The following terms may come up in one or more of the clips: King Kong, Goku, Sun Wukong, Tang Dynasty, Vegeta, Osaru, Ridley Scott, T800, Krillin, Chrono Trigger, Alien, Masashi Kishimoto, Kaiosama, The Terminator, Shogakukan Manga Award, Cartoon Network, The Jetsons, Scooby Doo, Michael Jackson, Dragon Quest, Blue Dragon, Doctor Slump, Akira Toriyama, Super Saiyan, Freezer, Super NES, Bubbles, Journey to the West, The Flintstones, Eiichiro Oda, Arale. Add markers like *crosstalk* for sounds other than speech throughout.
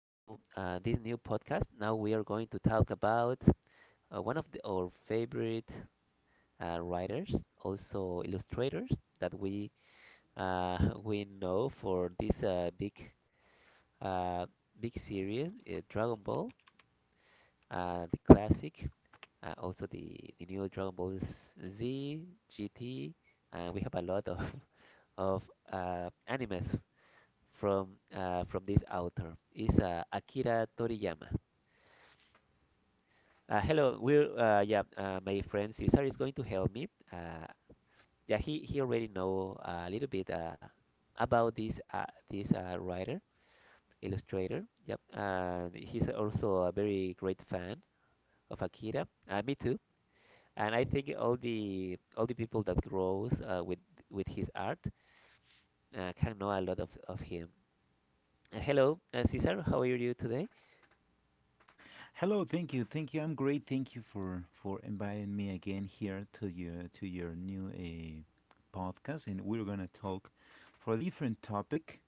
Now, this new podcast. Now we are going to talk about one of our favorite writers, also illustrators that we *laughs* we know for this big uh, big series, Dragon Ball, the classic, also the new Dragon Ball Z, GT. We have a lot of *laughs* of animes from this author. Is Akira Toriyama. Hello, we're yeah. My friend Cesar is going to help me. Yeah, he already know a little bit about this writer illustrator. Yep, and he's also a very great fan of Akira. Me too. And I think all the people that grows with his art can know a lot of him. Hello, Cesar. How are you today? Hello, thank you, thank you. I'm great. Thank you for inviting me again here to your new podcast, and we're gonna talk for a different topic.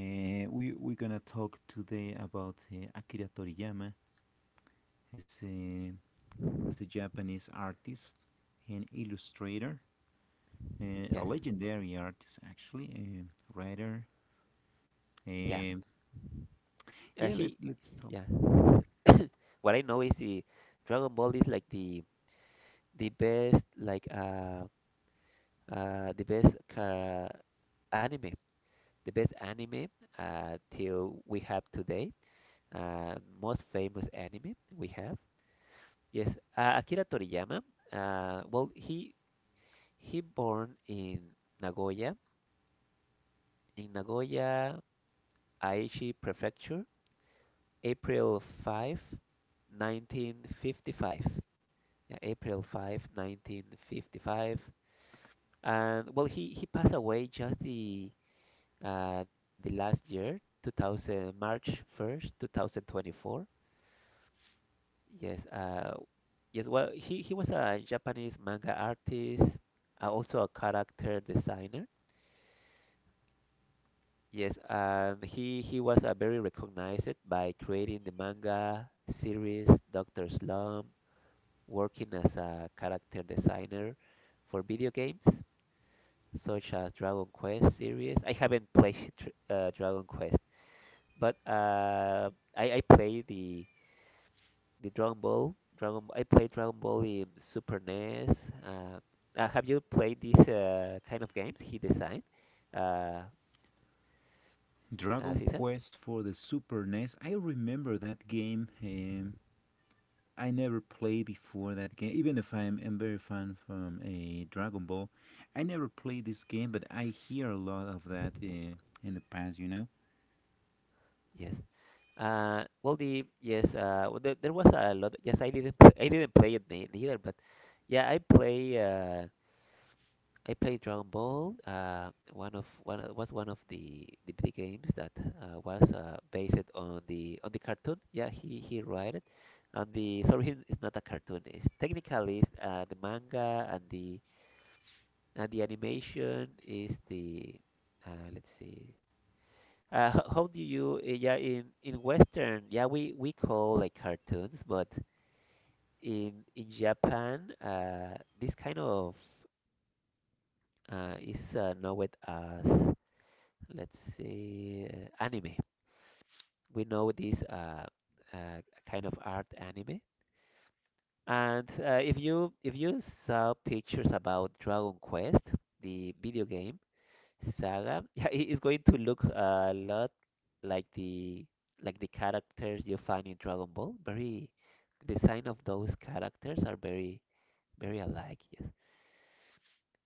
We're gonna talk today about Akira Toriyama. He's a he's a Japanese artist and illustrator, a Yes. legendary artist, actually, a writer. Yeah. Um, Uh, yeah, he, let's talk. yeah. *coughs* What I know is the Dragon Ball is like the best the best anime, the best anime till we have today. Uh, most famous anime we have. Yes, Akira Toriyama. Well, he born in Nagoya, Aichi Prefecture, April 5, 1955. Yeah, April 5, 1955. And well, he passed away just the last year, 2000, March 1st, 2024. Yes, yes. Well, he was a Japanese manga artist, also a character designer. Yes, and he was very recognized by creating the manga series Doctor Slump, working as a character designer for video games, such as Dragon Quest series. I haven't played Dragon Quest, but I play the Dragon Ball. Dragon I played Dragon Ball in Super NES. Uh, have you played these kind of games he designed? Uh, Dragon Caesar? Quest for the Super NES. I remember that game. I never played before that game, even if I am very fan from a Dragon Ball. I never played this game, but I hear a lot of that in the past, you know. Yes. Well, the yes. Well, there was a lot. Yes, I didn't. Play, I didn't play it neither, but yeah, I play. I played Dragon Ball. Was one of the games that was based on the cartoon. Yeah, he wrote it. And the Sorry, it's not a cartoon. It's, the manga and the animation is the let's see. How do you yeah in Western yeah we call like cartoons, but in Japan this kind of is known as let's see, anime. We know this uh, kind of art anime. And if you saw pictures about Dragon Quest, the video game saga, *laughs* yeah, it is going to look a lot like the like the characters you find in Dragon Ball. Very design of those characters are very alike. Yes,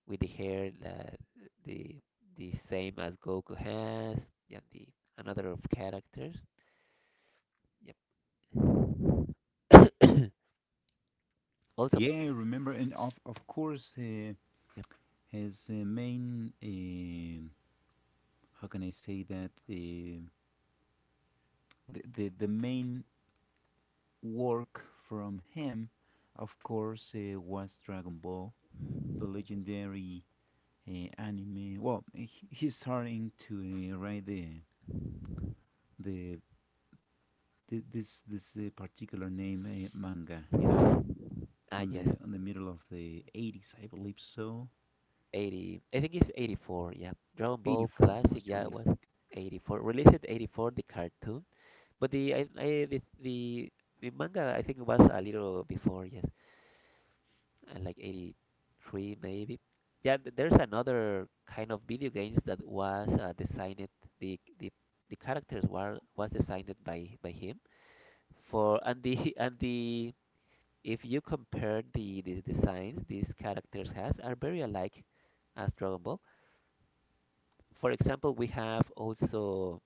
with the hair, the, the same as Goku has. Yeah, the another of characters. Yeah, *coughs* also, Yeah, I remember. And of course, yeah, his main, how can I say that? The main work from him, of course, was Dragon Ball, the legendary anime. Well, he's starting to write the th- this particular name manga, you know, ah yes, on the middle of the '80s, I believe so. 80. I think it's 84. Yeah, Dragon Ball '84 Classic. was Yeah, it was released. Like, 84. Released at 84, the cartoon, but the manga I think was a little before. Yes, like 83 maybe. Yeah, there's another kind of video games that was designed. The the the characters were was designed by him for and the *laughs* and the If you compare the designs these characters has are very alike as Dragon Ball. For example, we have also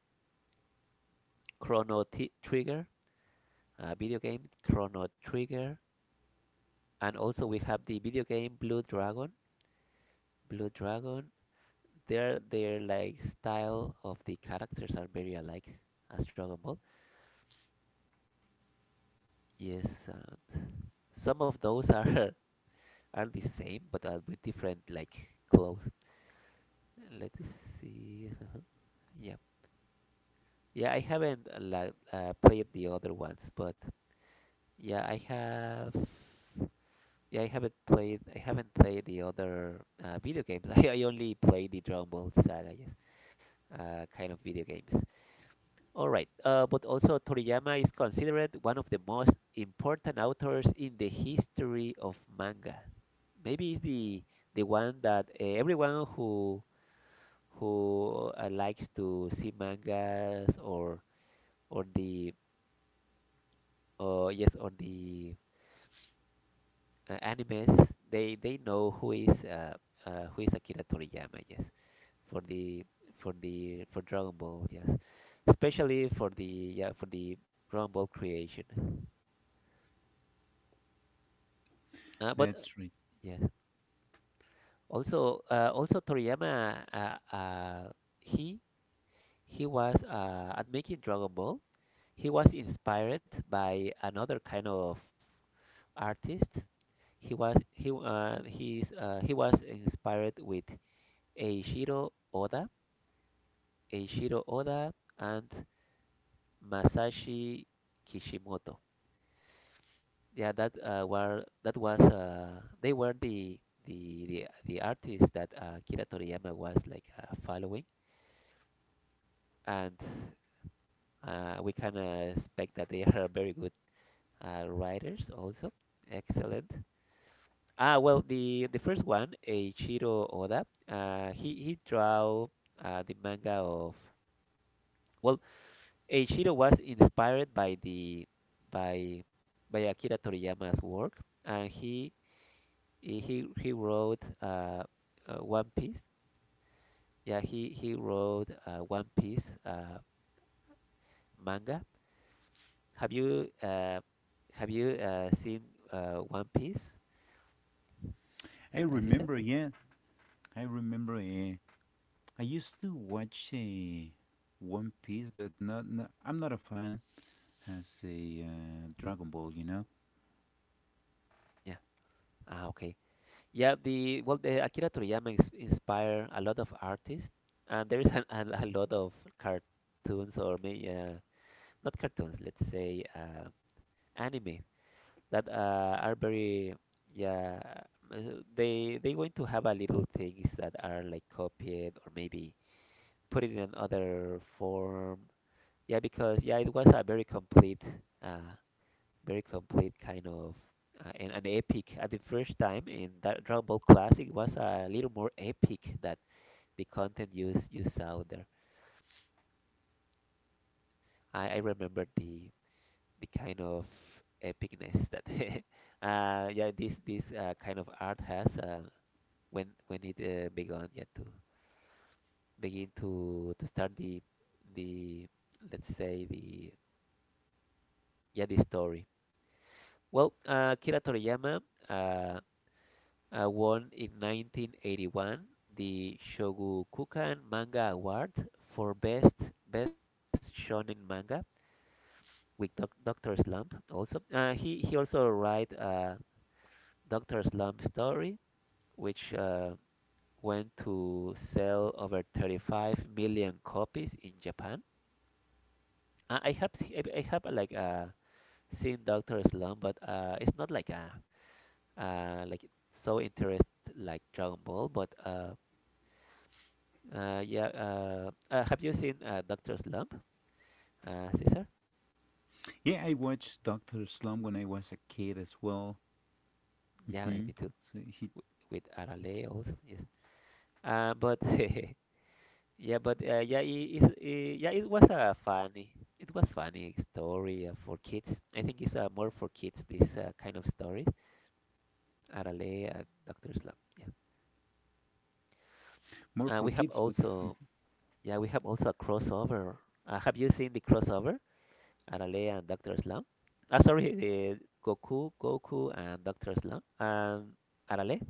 Chrono T Trigger, a video game Chrono Trigger, and also we have the video game Blue Dragon. Blue Dragon, their like style of the characters are very alike as Dragon Ball. Yes, some of those are *laughs* are the same but with different like clothes. Let's see. *laughs* Yeah. Yeah, I haven't played the other ones, but yeah, I have. Yeah, I haven't played. I haven't played the other video games. *laughs* I only play the Dragon Ball Saga, yes, kind of video games. All right, but also Toriyama is considered one of the most important authors in the history of manga. Maybe it's the one that everyone who likes to see mangas or the or yes on the animes they know who is Akira Toriyama, yes, for the for Dragon Ball, yes, especially for the Dragon Ball creation, but that's right. yes. Also also Toriyama, he he was at making Dragon Ball. He was inspired by another kind of artist. He was inspired with Eiichiro Oda, Eiichiro Oda, and Masashi Kishimoto. Yeah, that was they were the artists that Kira Toriyama was like following, and we can expect that they are very good writers also. Excellent. Ah, well, the first one, Eiichiro Oda, he draw the manga of well Eiichiro was inspired by the by by Akira Toriyama's work, and he wrote One Piece. Yeah, he wrote One Piece manga. Have you uh, have you seen One Piece, I Caesar? remember, yeah, I remember. I used to watch One Piece, but not I'm not a fan as a Dragon Ball, you know. Yeah. Ah, okay. Yeah, the well, the Akira Toriyama inspired a lot of artists, and there is *laughs* a lot of cartoons or may not cartoons, let's say. Anime that are very yeah uh, they going to have a little things that are like copied or maybe put it in another form yeah because yeah it was a uh very complete kind of and an epic at the first time in that Dragon Ball Classic was a little more epic that the content used you saw there. I remember the kind of epicness that *laughs* yeah this kind of art has when it began yeah to begin to start the let's say the yeah the story. Well, Akira Toriyama, uh, won in 1981 the Shogakukan Manga Award for best shonen manga with Doctor Slump also. He also write Doctor Slump story, which went to sell over 35 million copies in Japan. I have seen Doctor Slump, but it's not like a like so interest like Dragon Ball. Have you seen Doctor Slump, Caesar? Yeah, I watched Doctor Slump when I was a kid as well. Yeah, me Hmm. too. So he With Arale also, yes. But *laughs* yeah, but yeah, it, it's- it, yeah, it was a funny, it was funny story for kids. I think it's more for kids this kind of stories. Arale, Doctor Slump. more Yeah, for we have kids, but also yeah we have also a crossover. Have you seen the crossover Arale and Doctor Slump? Ah, sorry, the Goku and Doctor Slump and Arale,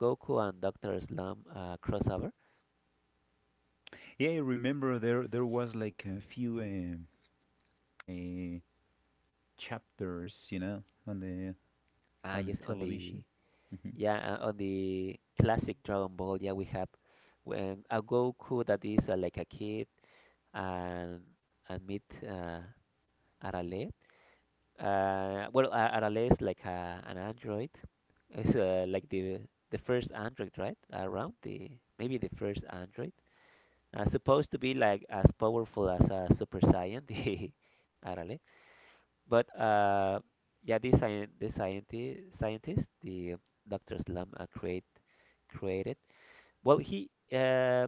Goku and Doctor Slump crossover. yeah, I remember there was like a few uh, chapters, you know, Ah, on the yes, on the television. Mhm. Yeah, on the classic Dragon Ball, yeah, we have when a Goku that is like a kid and and meet Arale. Well, Arale is like an android. It's like the first android, right? Around the maybe the first android. Supposed to be like as powerful as a Super Saiyan, *laughs* the Arale. But yeah, this scien the scientist, scientist, the Dr. Slum created. Well, he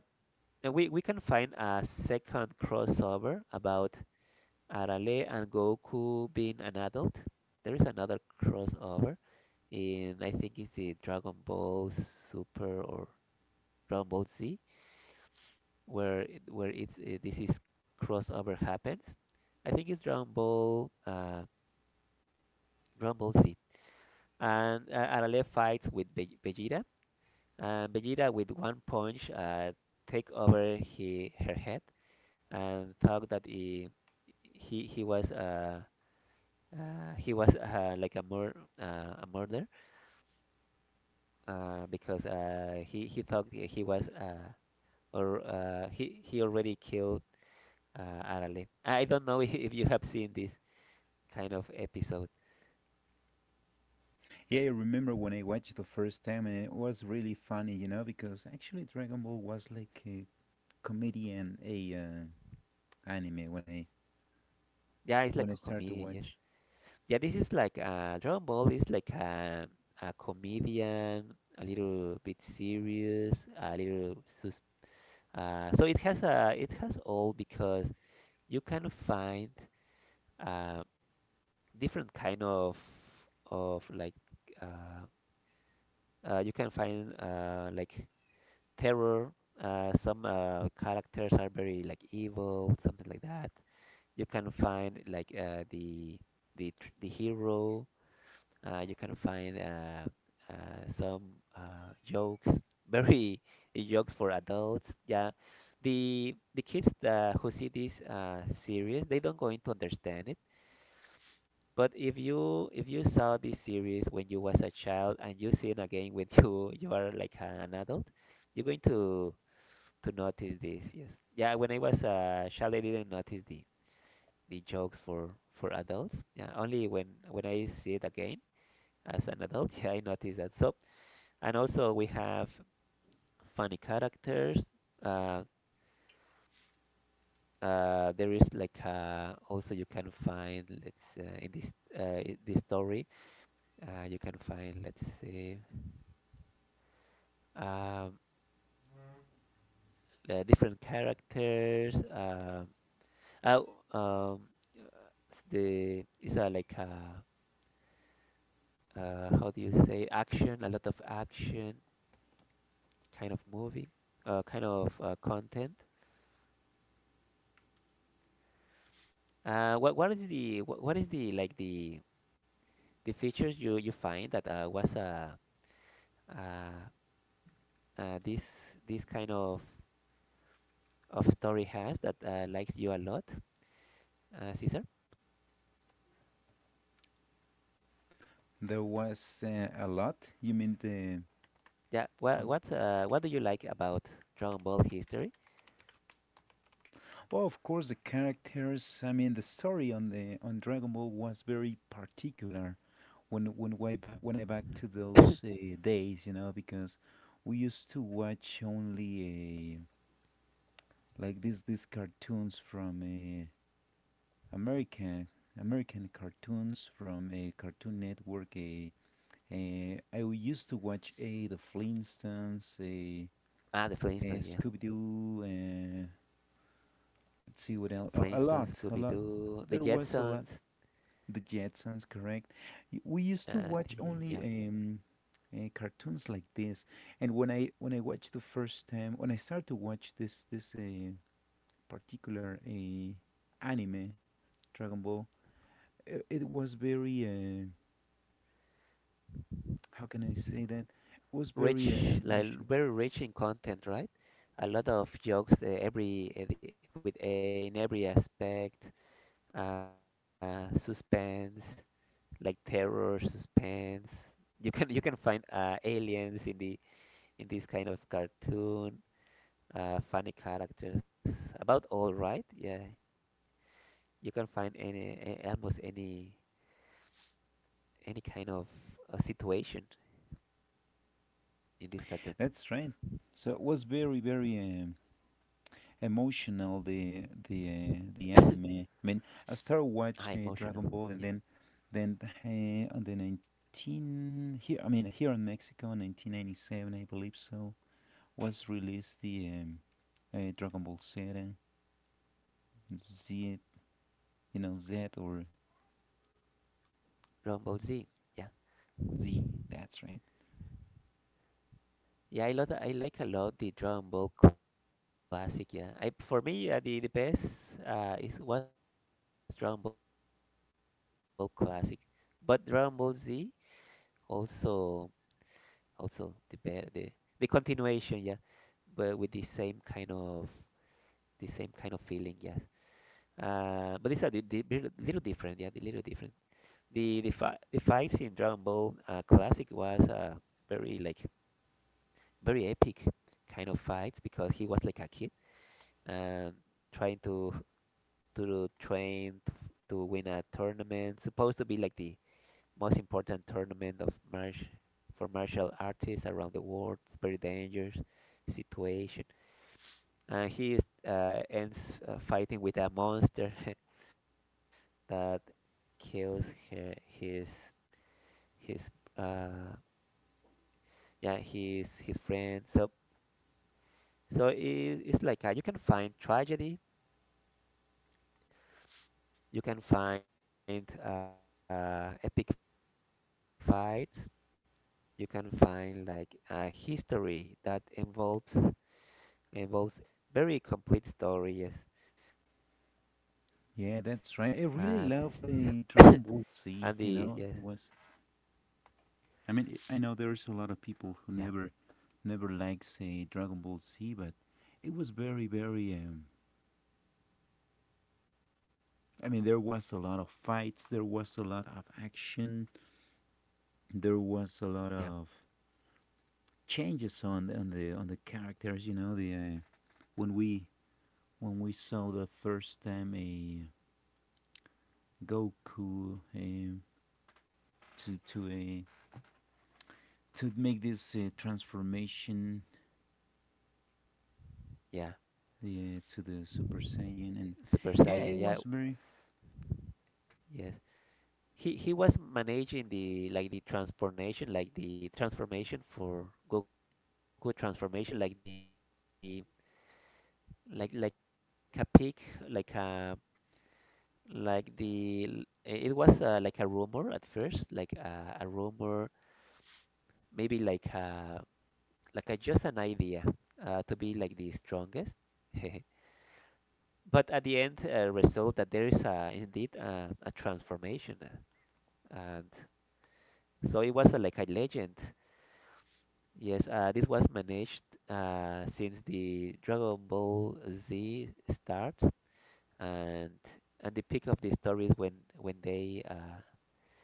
we can find a second crossover about Arale and Goku being an adult. There is another crossover in I think it's the Dragon Ball Super or Dragon Ball Z where it's this is crossover happens. I think it's Dragon Ball Dragon Ball Z and Arale fights with Vegeta, and Vegeta with one punch take over he her head and thought that he, he was uh, uh, he was like a mur a murder because he thought he was or he already killed Arale. I don't know *laughs* if you have seen this kind of episode. Yeah, I remember when I watched the first time, and it was really funny, you know, because actually Dragon Ball was like a comedy and a anime Yeah, it's when like I a started to comedian. Yes. watch. Yeah, this is like Dragon Ball is like a comedian, a little bit serious, a little sus. So it has a it has all because you can find uh, different kind of like uh, you can find like terror. Some characters are very like evil, something like that. You can find like the the hero. You can find some jokes, *laughs* very jokes for adults. Yeah, the kids who see this series, they don't going to understand it. But if you saw this series when you was a child and you see it again when *laughs* you are like an adult, you're going to notice this. Yes. Yeah. When I was a child, I didn't notice the jokes for adults. Yeah. Only when I see it again as an adult, *laughs* yeah, I notice that. So and also we have funny characters. Uh, there is like also you can find let's in this this story, you can find, let's see, um, the different characters. Oh, um, it's the it's a, like a, how do you say, action? A lot of action kind of movie, kind of content. What is what is the, like, the features you find that was a, uh, uh, uh this this kind of story has that likes you a lot, Caesar? There was a lot. You mean the Yeah. What com- what uh, what do you like about Dragon Ball history? well, of course, the characters. I mean, the story on the on Dragon Ball was very particular. When way back when I back to those *coughs* days, you know, because we used to watch only like these cartoons from America, American cartoons from a Cartoon Network. I used to watch a the Flintstones, Ah, the a Flintstones, yeah. Scooby Doo. Let's see what else. A, a Flintstones, lot, a lot. Scooby-Doo, the There was a lot. Jetsons, The Jetsons, correct? We used to uh, watch the only yeah, cartoons like this, and when I watched the first time, when I started to watch this particular anime, Dragon Ball, it was very, how can I say that? It was very rich, like emotional. very rich in content, right? A lot of jokes, every the- with a, in every aspect, suspense, like terror, suspense. You can find aliens in the in this kind of cartoon, funny characters, about all, right? Yeah, you can find any almost any kind of situation in this cartoon. That's right. So it was very, emotional, the *coughs* anime. I mean, I started Ah, watching Dragon Ball, emotional. and then Yeah, then on the nineteen here. I mean, here in Mexico, in 1997, I believe so, was released the Dragon Ball Z, Z, you know, Z or Dragon Ball Z. Yeah, Z. That's right. yeah, I love, I like a lot the Dragon Ball Classic. Yeah, I, for me, the best is was Dragon Ball Classic, but Dragon Ball Z also. Yeah, for yeah being an adult and now grown up. Yes, it's also the the continuation. Yeah, but with the same kind of the same kind of feeling. Yes. But these are the little different, yeah, the little different. The fights in Dragon Ball Classic was very like very epic kind of fights, because he was like a kid and trying to train to, to win a tournament supposed to be like the most important tournament of march for martial artists around the world. It's very dangerous situation, and he is, ends fighting with a monster *laughs* that kills her, his uh, yeah his friend. So so it, it's like, you can find tragedy, you can find epic fights, you can find like a history that involves, involves everything, the quest for the dragon balls, yep, very complete story, yes. Yeah, that's right. I really And love Dragon Ball *coughs* Z. and You the, know, yes, it was, I mean, I know there's a lot of people who yeah, never like say Dragon Ball Z, but it was very, very. I mean, there was a lot of fights, there was a lot of action, there was a lot of yeah, changes on the characters. You know, the when we when we saw the first time a Goku, to a to make this transformation, yeah, to the Super Saiyan, and super yeah, saiyan, it yeah, was very. yes. He was managing the, like the transformation, like the transformation for Goku transformation, like the like a pig, like a, like the it was like a rumor at first, like a rumor, maybe like a, like a, just an idea, to be like the strongest *laughs* but at the end result that there is, indeed, a transformation, and so it was, like a legend. Yes, this was managed since the Dragon Ball Z starts, and and the peak of the story is when they,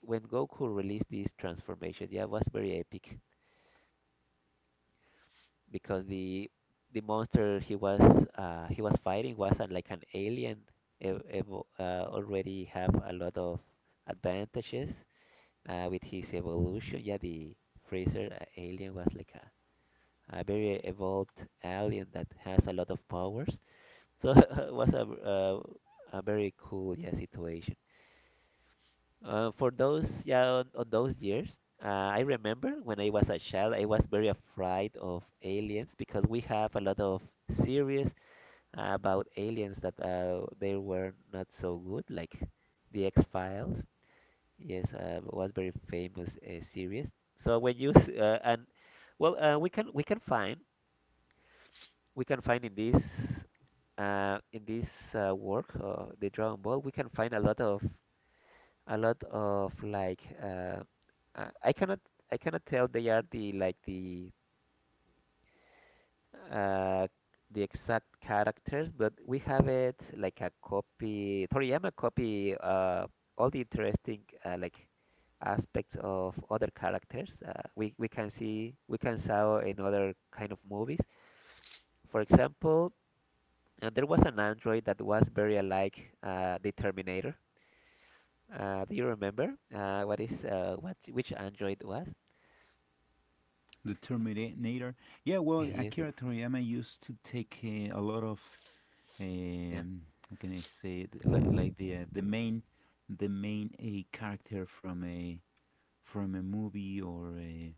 when Goku released this transformation. Yeah, it was very epic because the monster he was, he was fighting was an, like an alien. Already have a lot of advantages with his evolution. Yeah, the Freezer alien was like a very evolved alien that has a lot of powers. So *laughs* it was a, a very cool, yeah, situation. For those, yeah, on those years, I remember when I was a child, I was very afraid of aliens because we have a lot of series about aliens that, they were not so good, like the X Files. Yes, was very famous series. So when you, and well, we can we can find in this. In this work, the Dragon Ball, we can find a lot of like, uh, I cannot I cannot tell they are the, like the, uh, the exact characters, but we have it like a copy. Toriyama copy all the interesting, like, aspects of other characters. We can see, we can saw in other kind of movies. For example, there was an android that was very alike the Terminator. Do you remember what which Android was? The Terminator. Yeah, well, *laughs* Yes, Akira Toriyama used to take a lot of, yeah, um, how can I say it? Like the main, a character from a movie or a,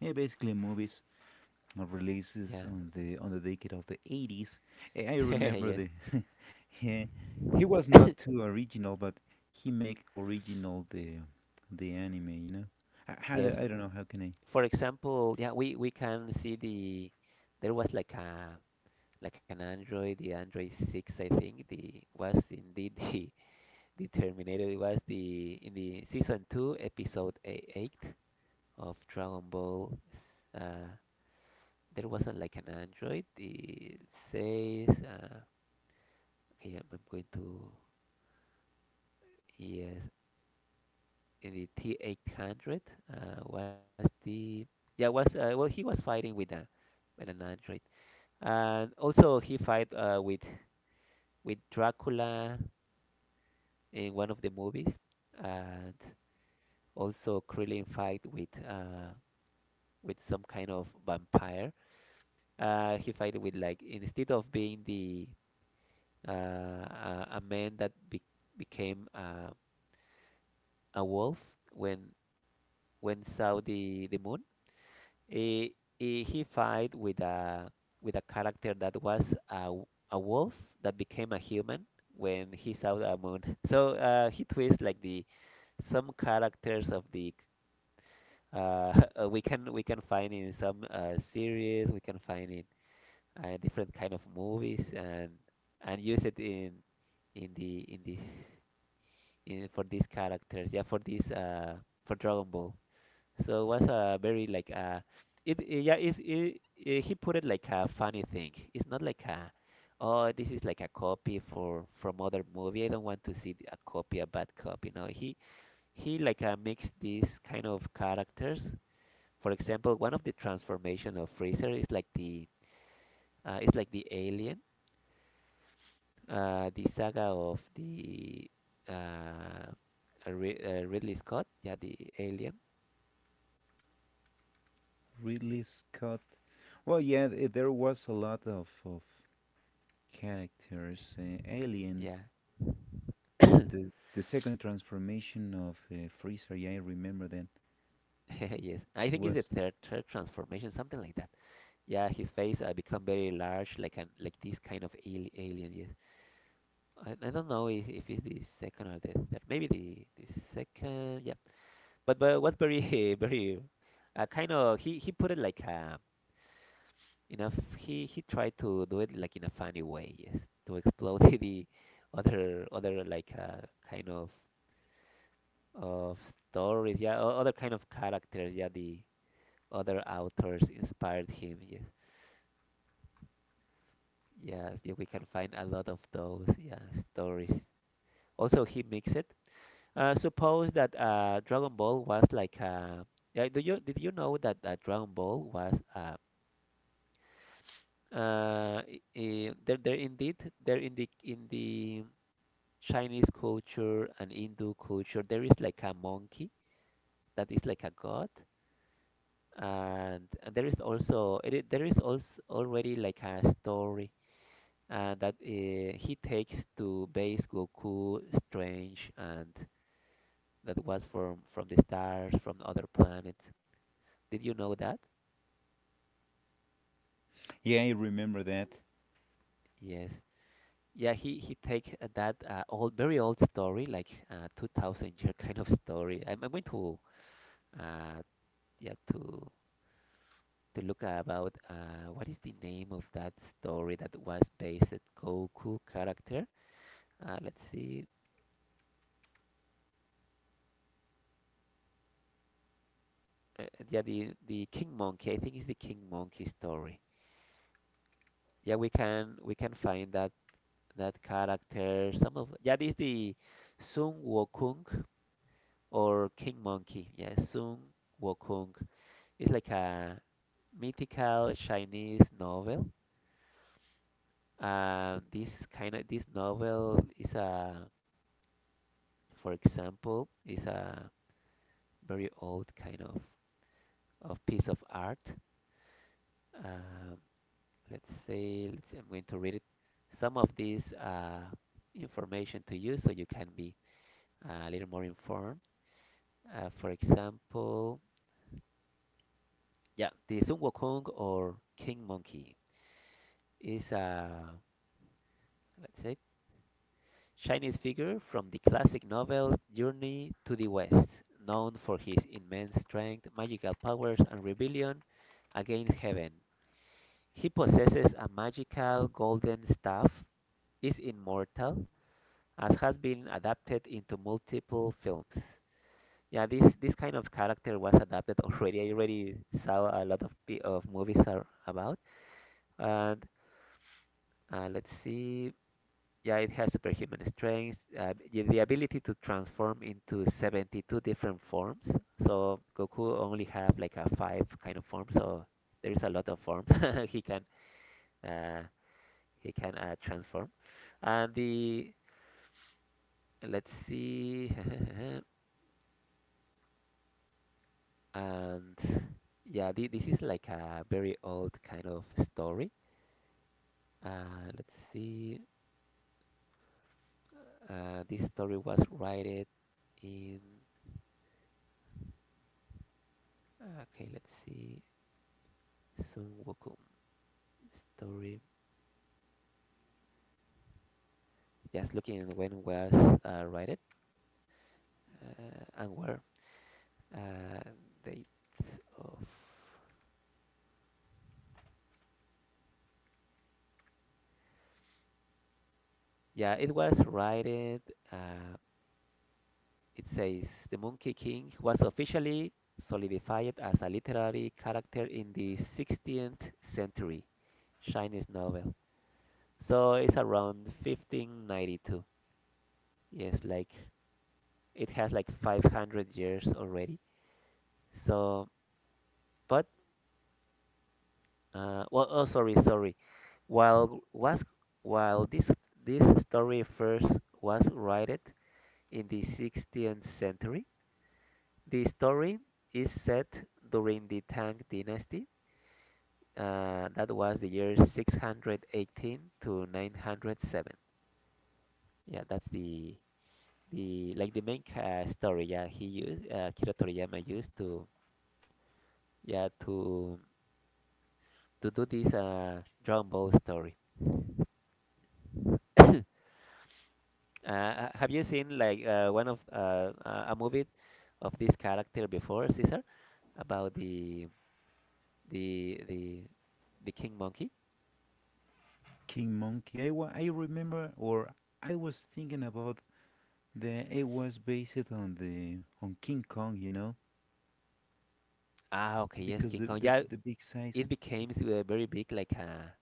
yeah, basically movies or releases on the decade of the '80s. I yeah, *laughs* remember yes, the *laughs* yeah, he was not *coughs* too original, but he make original the anime. You know, I, yes. I, I don't know how can I. For example, yeah, we can see the there was like a like an Android, the Android six, I think. The was indeed the *laughs* the Terminator. It was the in the season two, episode eight of Dragon Ball. Uh, there wasn't like an Android. It says, okay, I'm going to. Yes, in the T800 uh, was the, yeah, was, well, he was fighting with a with an android, and also he fight with Dracula in one of the movies, and also Krillin fight with, with some kind of vampire. Uh, he fight with, like, instead of being the, a man that became, a wolf when saw the moon. He, he fight with a character that was a, a wolf that became a human when he saw the moon. *laughs* So, he twists like the some characters of the, uh, *laughs* we can find in some series, we can find in different kind of movies, and use it in the in this in for these characters. Yeah, for this for Dragon Ball. So it was a very like, it, it's it, it, he put it like a funny thing. It's not like a, oh, this is like a copy for from other movie. I don't want to see a copy, a bad copy. No, he like, mixed these kind of characters. For example, one of the transformation of Freezer is like the, it's like the alien, the saga of the, uh, Ridley Scott. Yeah, the alien. Ridley Scott. Well, yeah, there was a lot of characters. Alien, Yeah. *coughs* the second transformation of Freezer. Yeah, I remember that. *laughs* Yes, I think it's Was the third, third transformation, something like that. Yeah, his face become very large, like an like this kind of al alien. Yes, I don't know if it's the second or the third. Maybe the second. Yeah, but what's very *laughs* very, kind of, he put it like enough. He tried to do it like in a funny way. Yes, to explode *laughs* the other other like, kind of of stories. Yeah, other kind of characters. Yeah, the other authors inspired him. Yes. Yes, yeah, we can find a lot of those, yeah, stories. Also, he makes it. Suppose that Dragon Ball was like, yeah, do you did you know that Dragon Ball was, there there indeed, there in the Chinese culture and Hindu culture there is like a monkey that is like a god, and there is also there is also already like a story, and that he takes to base Goku strange and that was from the stars from other planets. Did you know that? yeah, I remember that. Yes. Yeah, he takes that old, very old story, like 2,000 year *laughs* kind of story. I'm going to uh yeah to look about what is the name of that story that was based Goku character. Let's see. Uh, yeah, the King Monkey. I think it's the King Monkey story. Yeah, we can find that that character. Some of, yeah, this the Sun Wukong or King Monkey, yeah, Sun Wukong, is like a mythical Chinese novel, and this kind of this novel is a, for example, is a very old kind of piece of art. Um, let's say, let's I'm going to read it some of this information to you so you can be, a little more informed. For example, yeah, the Sun Wukong or King Monkey is a, let's say, Chinese figure from the classic novel Journey to the West, known for his immense strength, magical powers, and rebellion against heaven. He possesses a magical golden staff, is immortal, as has been adapted into multiple films. Yeah, this kind of character was adapted *laughs* already. I already saw a lot of of movies are about. And let's see. Yeah, it has superhuman strength, the ability to transform into 72 different forms. So Goku only have like a five kind of forms, so there is a lot of forms *laughs* he can uh, transform. And the let's see. *laughs* And yeah, this is like a very old kind of story. Let's see. This story was written in. Okay, let's see. Sun Wukong story. Just looking at when was written and where. Uh, date of. Yeah, it was written. Uh, it says the Monkey King was officially solidified as a literary character in the 16th century Chinese novel. So it's around 1592. Yes, like it has like 500 years already. So, but sorry, sorry. While was while this story first was written in the 16th century, the story is set during the Tang Dynasty. That was the year 618 to 907. Yeah, that's the like the main story. Yeah, he used Akira Toriyama used to yeah to to do this Dragon Ball story. *coughs* Uh, have you seen like one of a movie of this character before, Caesar, about the the the king monkey? King Monkey. I remember, or I was thinking about that. It was based on King Kong, you know, Ah, okay, yes, because King the Kong. the, Yeah, the big size. it And, became very big, like a.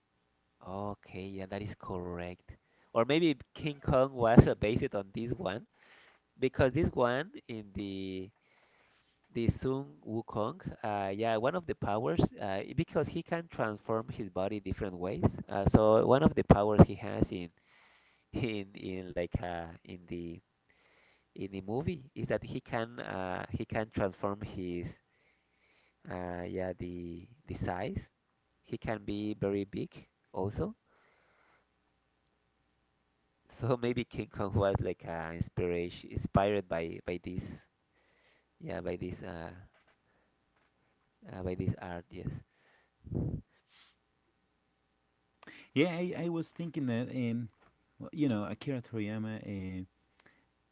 Okay, yeah, that is correct. Or maybe King Kong was based on this one because this one in the Sun Wukong, yeah, one of the powers, because he can transform his body different ways. So one of the powers he has in in like uh, in the in the movie is that he can transform his yeah the size. He can be very big also. *laughs* So maybe King Kong was like inspiration inspired by this yeah by this uh, by this art, yes. yeah, I was thinking that, and well, you know, Akira Toriyama, Uh,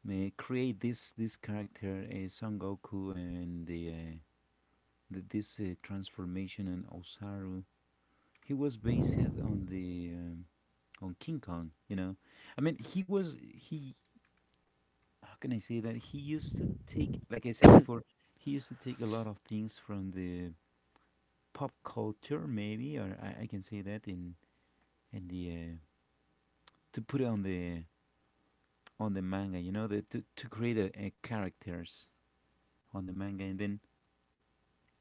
uh, create this character, Son Goku, and the this transformation and Osaru. He was based on the um, on King Kong. You know, I mean, he was he. How can I say that? He used to take, like I said *coughs* before, he used to take a lot of things from the pop culture, maybe, or I can say that in the to put it on the manga. You know, the, to create a characters on the manga, and then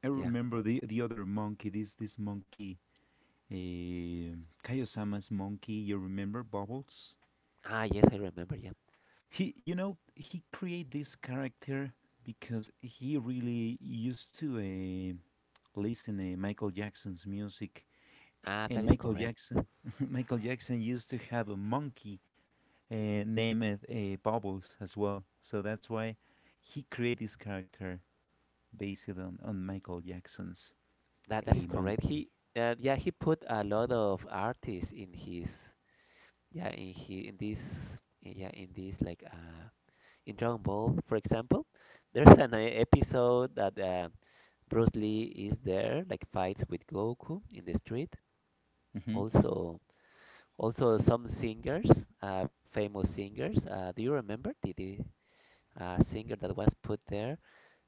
I Yeah. remember the other monkey, this monkey, uh, Kaiosama's monkey. You remember Bubbles? Ah, yes, I remember. Yeah. He created this character because he really used to listen to Michael Jackson's music, Ah, and that is Michael correct. Jackson, *laughs* Michael Jackson used to have a monkey, named Bubbles as well. So that's why he created this character based on Michael Jackson's That a is correct. monkey. He yeah, he put a lot of artists in his yeah in he in this yeah in this like in Dragon Ball, for example, there's an episode that Bruce Lee is there, like fights with Goku in the street. Mhm. Also, also some singers, famous singers. Do you remember the singer that was put there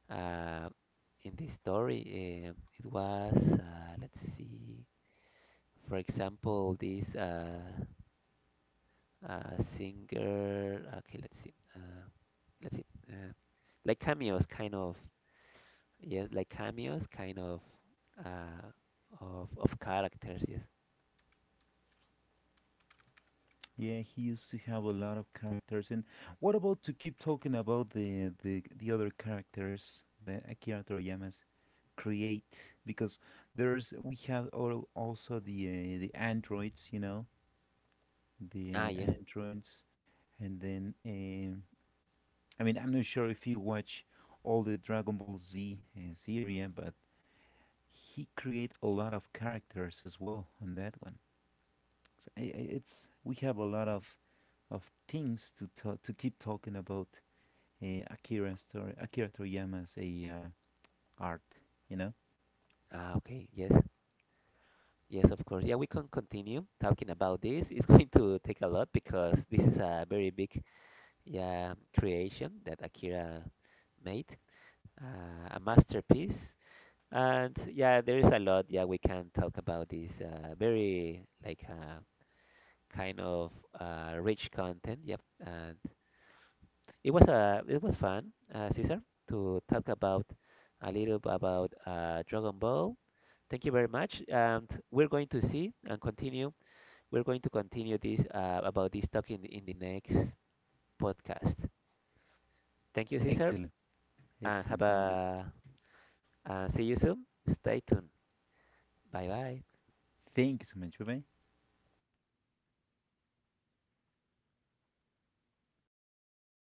uh, in this story? It was, let's see, for example, this singer. Okay, let's see. Let's see. Like cameos, kind of. Yes, like cameos, kind of characters. Yes. Yeah, he used to have a lot of characters. And what about to keep talking about the other characters that Akira Toriyama's create? Because there's we have also the androids, you know, Ah, the yes. androids, and then I mean, I'm not sure if you watch all the Dragon Ball Z series, but he create a lot of characters as well on that one. So it's we have a lot Mhm. of things to to keep talking about Akira story, Akira Toriyama's a art. You know, Ah, okay. Yes. Yes, of course. Yeah, we can continue talking about this. It's *laughs* going to take a lot because this is a very big, yeah, creation that Akira made, a masterpiece. And yeah, there is a lot. Yeah, we can talk about this. Very like kind of rich content. Yep. It was fun, Cesar, to talk about a little about Dragon Ball. Thank you very much. And we're going to see and continue. We're going to continue this about this talk in the next podcast. Thank you, Cesar, excellent. and have Sounds good. a and see you soon. Stay tuned. Bye bye. Thank you so much. Bye bye.